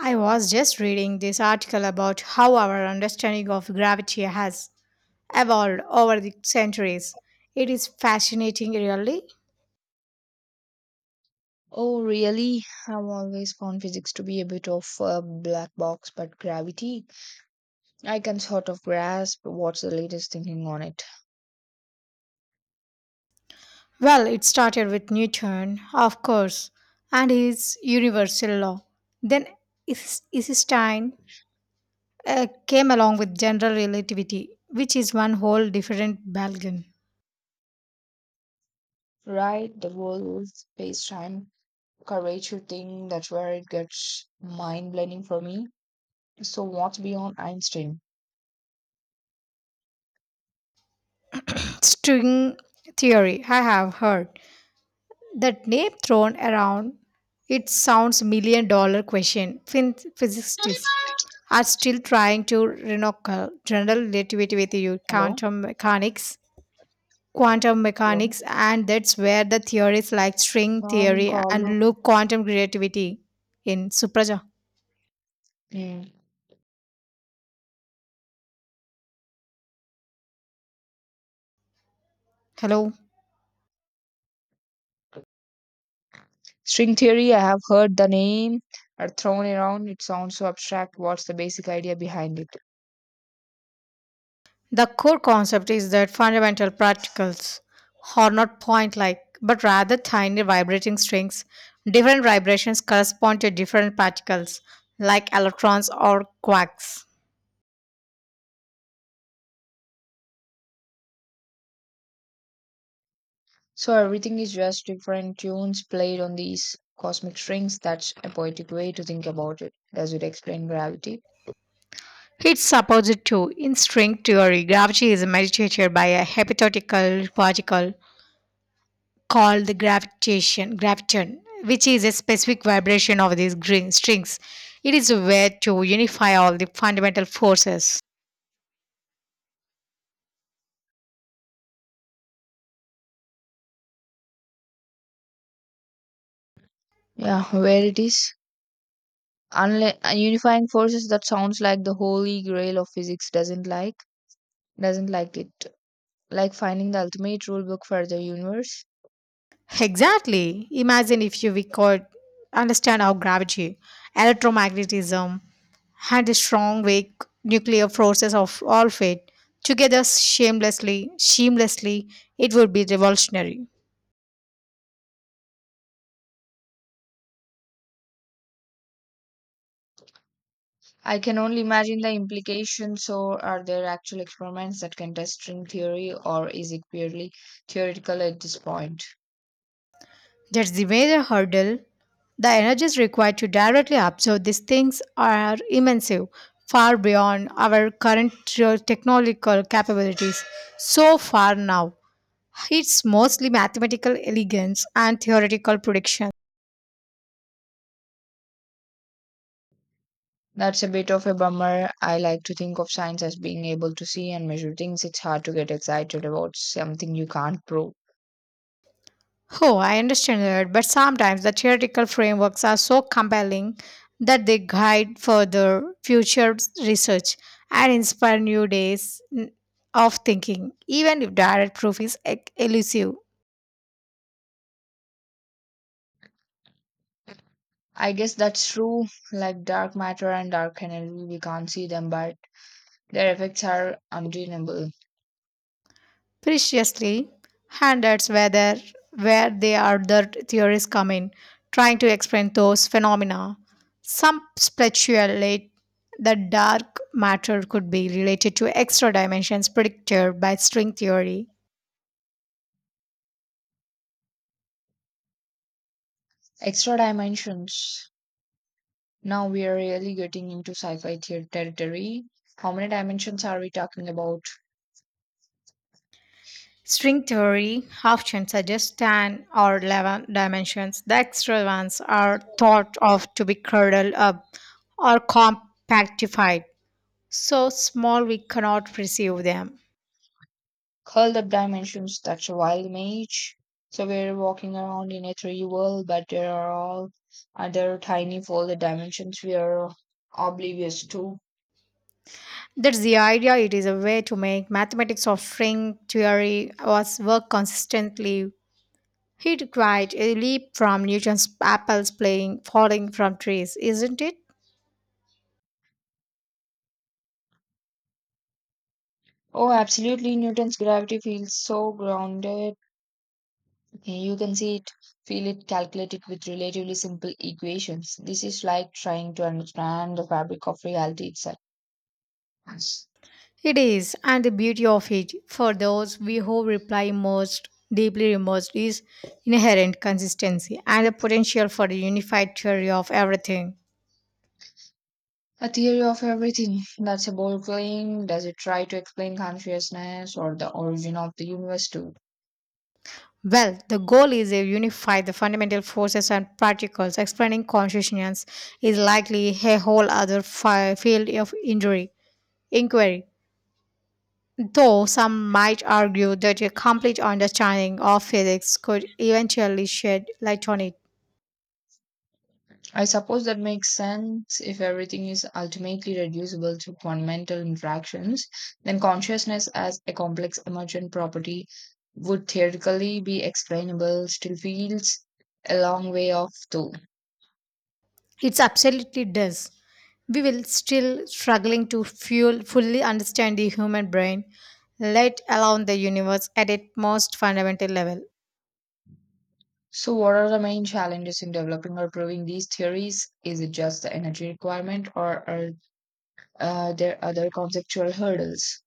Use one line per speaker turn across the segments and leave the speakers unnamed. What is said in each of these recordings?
I was just reading this article about how our understanding of gravity has evolved over the centuries. It is fascinating, really.
Oh, really? I've always found physics to be a bit of a black box, but gravity, I can sort of grasp what's the latest thinking on it.
Well, it started with Newton, of course, and his universal law. Then Einstein came along with general relativity, which is one whole different ballgame.
Right, the whole space-time curvature thing, that's where it gets mind-blending for me. So what's beyond Einstein?
String theory, I have heard, that name thrown around, it sounds $1,000,000 question. Physicists are still trying to renocle general relativity with you
Hello?
quantum
Hello?
mechanics, and that's where the theories like string
Morning,
theory
Carlo.
and loop quantum relativity in Supraja.
Hmm.
Hello.
String theory, I have heard the name are thrown around. It sounds so abstract. What's the basic idea behind it?
The core concept is that fundamental particles are not point like, but rather tiny vibrating strings. Different vibrations correspond to different particles, like electrons or quarks.
So everything is just different tunes played on these cosmic strings. That's a poetic way to think about it. Does it explain gravity?
It's supposed to, in string theory, gravity is mediated by a hypothetical particle called the gravitation, graviton, which is a specific vibration of these green strings. It is a way to unify all the fundamental forces.
Yeah, where it is. Unlike unifying forces that sounds like the holy grail of physics doesn't like it. Like finding the ultimate rule book for the universe.
Exactly. Imagine if you we could understand how gravity, electromagnetism, and the strong weak nuclear forces of all fate together seamlessly, it would be revolutionary.
I can only imagine the implications. So, are there actual experiments that can test string theory, or is it purely theoretical at this point?
That's the major hurdle. The energies required to directly observe these things are immense, far beyond our current technological capabilities. So far now, it's mostly mathematical elegance and theoretical prediction.
That's a bit of a bummer. I like to think of science as being able to see and measure things. It's hard to get excited about something you can't prove.
Oh, I understand that, but sometimes the theoretical frameworks are so compelling that they guide further future research and inspire new days of thinking, even if direct proof is elusive.
I guess that's true, like dark matter and dark energy, we can't see them, but their effects are undeniable.
Preciously, and that's whether where they are the theories come in, trying to explain those phenomena. Some speculate that dark matter could be related to extra dimensions predicted by string theory.
Extra dimensions. Now we are really getting into sci fi theater territory. How many dimensions are we talking about?
String theory often suggests 10 or 11 dimensions. The extra ones are thought of to be curdled up or compactified, so small we cannot perceive them.
Curled up dimensions. That's a wild image. So we're walking around in a 3D world, but there are all other tiny folded dimensions we are oblivious to.
That's the idea. It is a way to make mathematics of string theory was work consistently. It required a leap from Newton's apples playing falling from trees, isn't it?
Oh, absolutely. Newton's gravity feels so grounded. You can see it, feel it, calculate it with relatively simple equations. This is like trying to understand the fabric of reality itself. Yes.
It is, and the beauty of it, for those we who reply most deeply immersed, is inherent consistency and the potential for a unified theory of everything.
A theory of everything. That's a bold claim. Does it try to explain consciousness or the origin of the universe too?
Well, the goal is to unify the fundamental forces and particles. Explaining consciousness is likely a whole other field of inquiry. Though some might argue that a complete understanding of physics could eventually shed light on it.
I suppose that makes sense if everything is ultimately reducible to fundamental interactions, then consciousness as a complex emergent property would theoretically be explainable, still feels a long way off though.
It absolutely does. We will still struggling to fully understand the human brain, let alone the universe at its most fundamental level.
So, what are the main challenges in developing or proving these theories? Is it just the energy requirement, or are there other conceptual hurdles?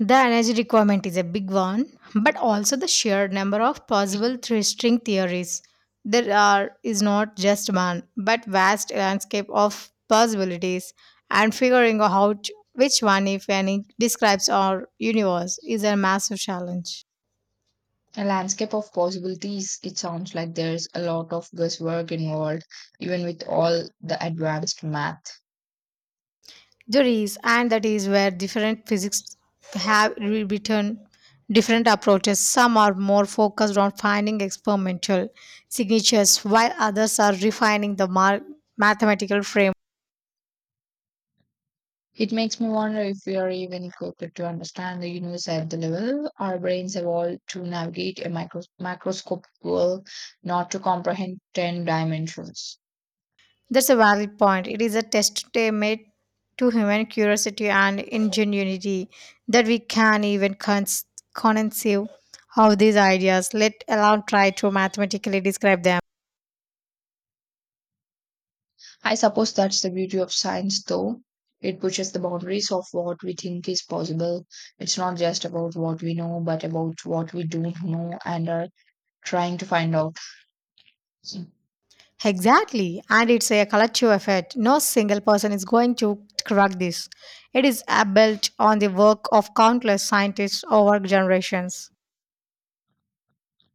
The energy requirement is a big one, but also the sheer number of possible three string theories. There are is not just one, but vast landscape of possibilities, and figuring out which one, if any, describes our universe is a massive challenge.
A landscape of possibilities, it sounds like there's a lot of guesswork involved, even with all the advanced math.
There is, and that is where different physics have written different approaches. Some are more focused on finding experimental signatures, while others are refining the mathematical frame.
It makes me wonder if we are even equipped to understand the universe at the level our brains evolved to navigate a microscopic world, not to comprehend 10 dimensions.
That's a valid point. It is a test they made to human curiosity and ingenuity that we can even conceive of these ideas, let alone try to mathematically describe them.
I suppose that's the beauty of science, though. It pushes the boundaries of what we think is possible. It's not just about what we know, but about what we don't know and are trying to find out.
Exactly, and it's a collective effort. No single person is going to crack this. It is built on the work of countless scientists over generations.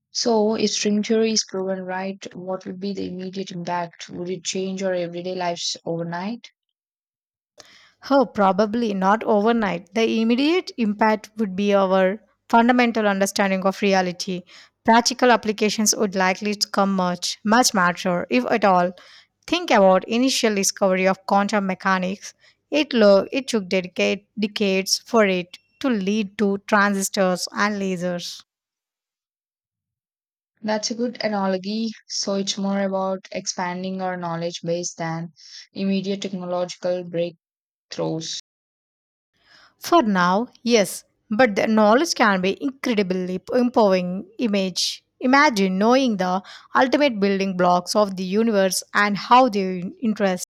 So, if string theory is proven right, what would be the immediate impact? Would it change our everyday lives overnight?
Oh, probably not overnight. The immediate impact would be our fundamental understanding of reality. Practical applications would likely to come much, much matter, if at all. Think about initial discovery of quantum mechanics. It took dedicate decades for it to lead to transistors and lasers.
That's a good analogy. So, it's more about expanding our knowledge base than immediate technological breakthroughs.
For now, yes, but the knowledge can be incredibly empowering. Imagine knowing the ultimate building blocks of the universe and how they interest.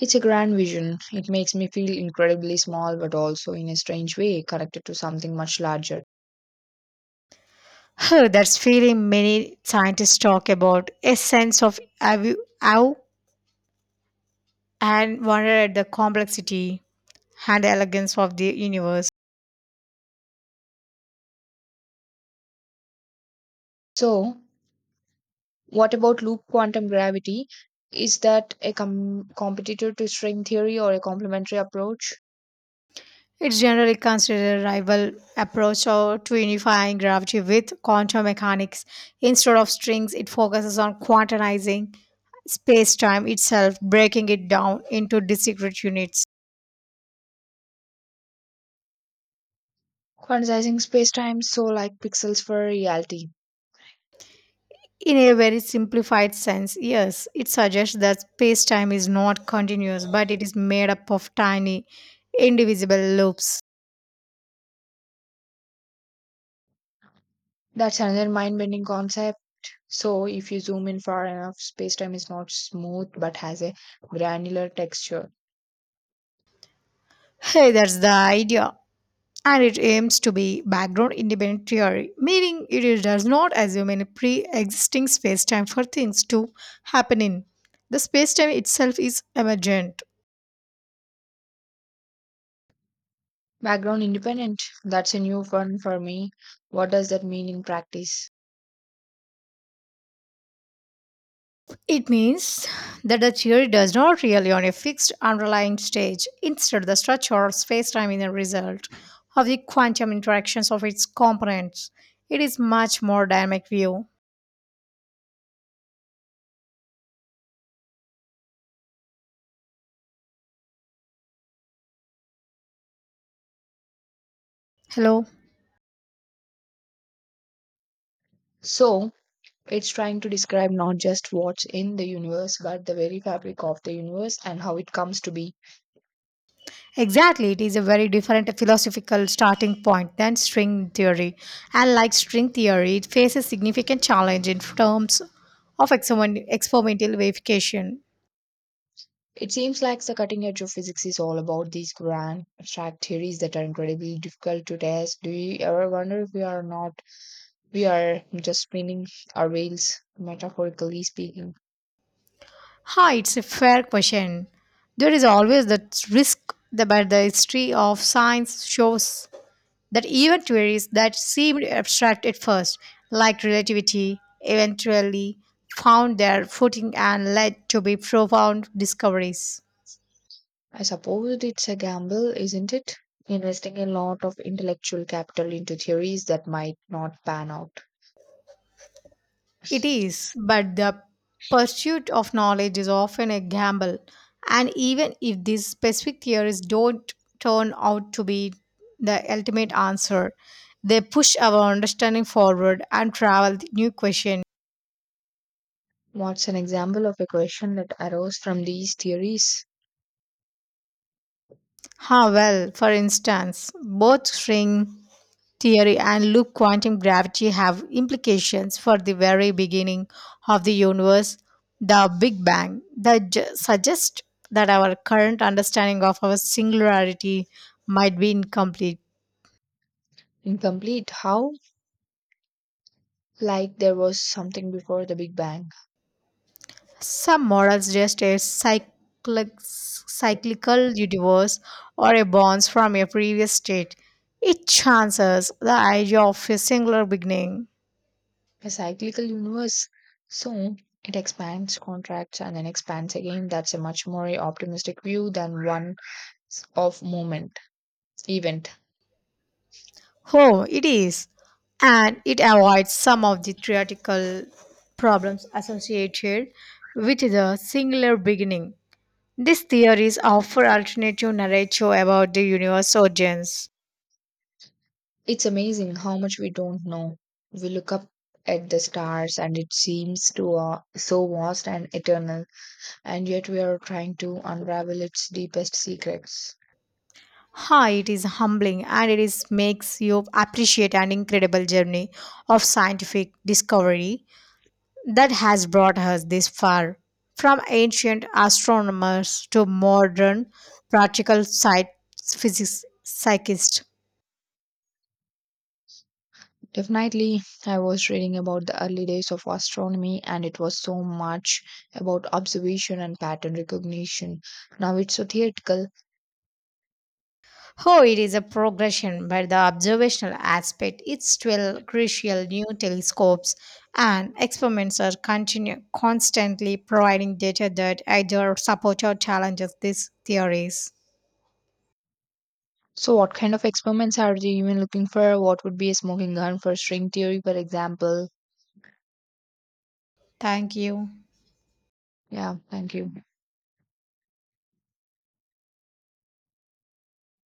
It's a grand vision. It makes me feel incredibly small, but also in a strange way connected to something much larger.
Huh, that's feeling many scientists talk about a sense of awe and wonder at the complexity and elegance of the universe.
So, what about loop quantum gravity? Is that a competitor to string theory or a complementary approach?
It's generally considered a rival approach or to unifying gravity with quantum mechanics. Instead of strings, it focuses on quantizing space-time itself, breaking it down into discrete units.
Quantizing space-time, so like pixels for reality.
In a very simplified sense, yes, it suggests that space-time is not continuous, but it is made up of tiny, indivisible loops.
That's another mind-bending concept. So if you zoom in far enough, space-time is not smooth but has a granular texture.
Hey, that's the idea, and it aims to be background independent theory, meaning it does not assume any pre existing space time for things to happen in. The space time itself is emergent.
Background independent. That's a new one for me. What does that mean in practice?
It means that the theory does not really on a fixed underlying stage. Instead, the structure of space time is a result of the quantum interactions of its components. It is much more dynamic view. Hello.
So it's trying to describe not just what's in the universe, but the very fabric of the universe and how it comes to be.
Exactly, it is a very different philosophical starting point than string theory. And like string theory, it faces significant challenge in terms of experimental verification.
It seems like the cutting edge of physics is all about these grand abstract theories that are incredibly difficult to test. Do you ever wonder if we are not we are just spinning our wheels, metaphorically speaking?
Hi, it's a fair question. There is always that risk, but the history of science shows that even theories that seemed abstract at first, like relativity, eventually found their footing and led to be profound discoveries.
I suppose it's a gamble, isn't it? Investing a lot of intellectual capital into theories that might not pan out.
It is, but the pursuit of knowledge is often a gamble, and even if these specific theories don't turn out to be the ultimate answer, they push our understanding forward and travel the new question.
What's an example of a question that arose from these theories?
Ah, well, for instance, both string theory and loop quantum gravity have implications for the very beginning of the universe, the Big Bang, that suggest that our current understanding of our singularity might be incomplete.
Incomplete. How? Like there was something before the Big Bang.
Some models just a cyclical universe or a bounce from a previous state. It chances the idea of a singular beginning.
A cyclical universe. So it expands, contracts, and then expands again. That's a much more optimistic view than one of moment event.
Oh, it is. And it avoids some of the theoretical problems associated with the singular beginning. These theories offer alternative narrative about the universe origins.
It's amazing how much we don't know. We look up at the stars and it seems to so vast and eternal, and yet we are trying to unravel its deepest secrets.
Ha, it is humbling and it is makes you appreciate an incredible journey of scientific discovery that has brought us this far. From ancient astronomers to modern practical sci- physics psychists.
Definitely, I was reading about the early days of astronomy and it was so much about observation and pattern recognition. Now it's so theoretical.
Oh, it is a progression, but the observational aspect is still crucial. New telescopes and experiments are constantly providing data that either support or challenges these theories.
So, what kind of experiments are you even looking for? What would be a smoking gun for string theory, for example?
Thank you.
Yeah, thank you.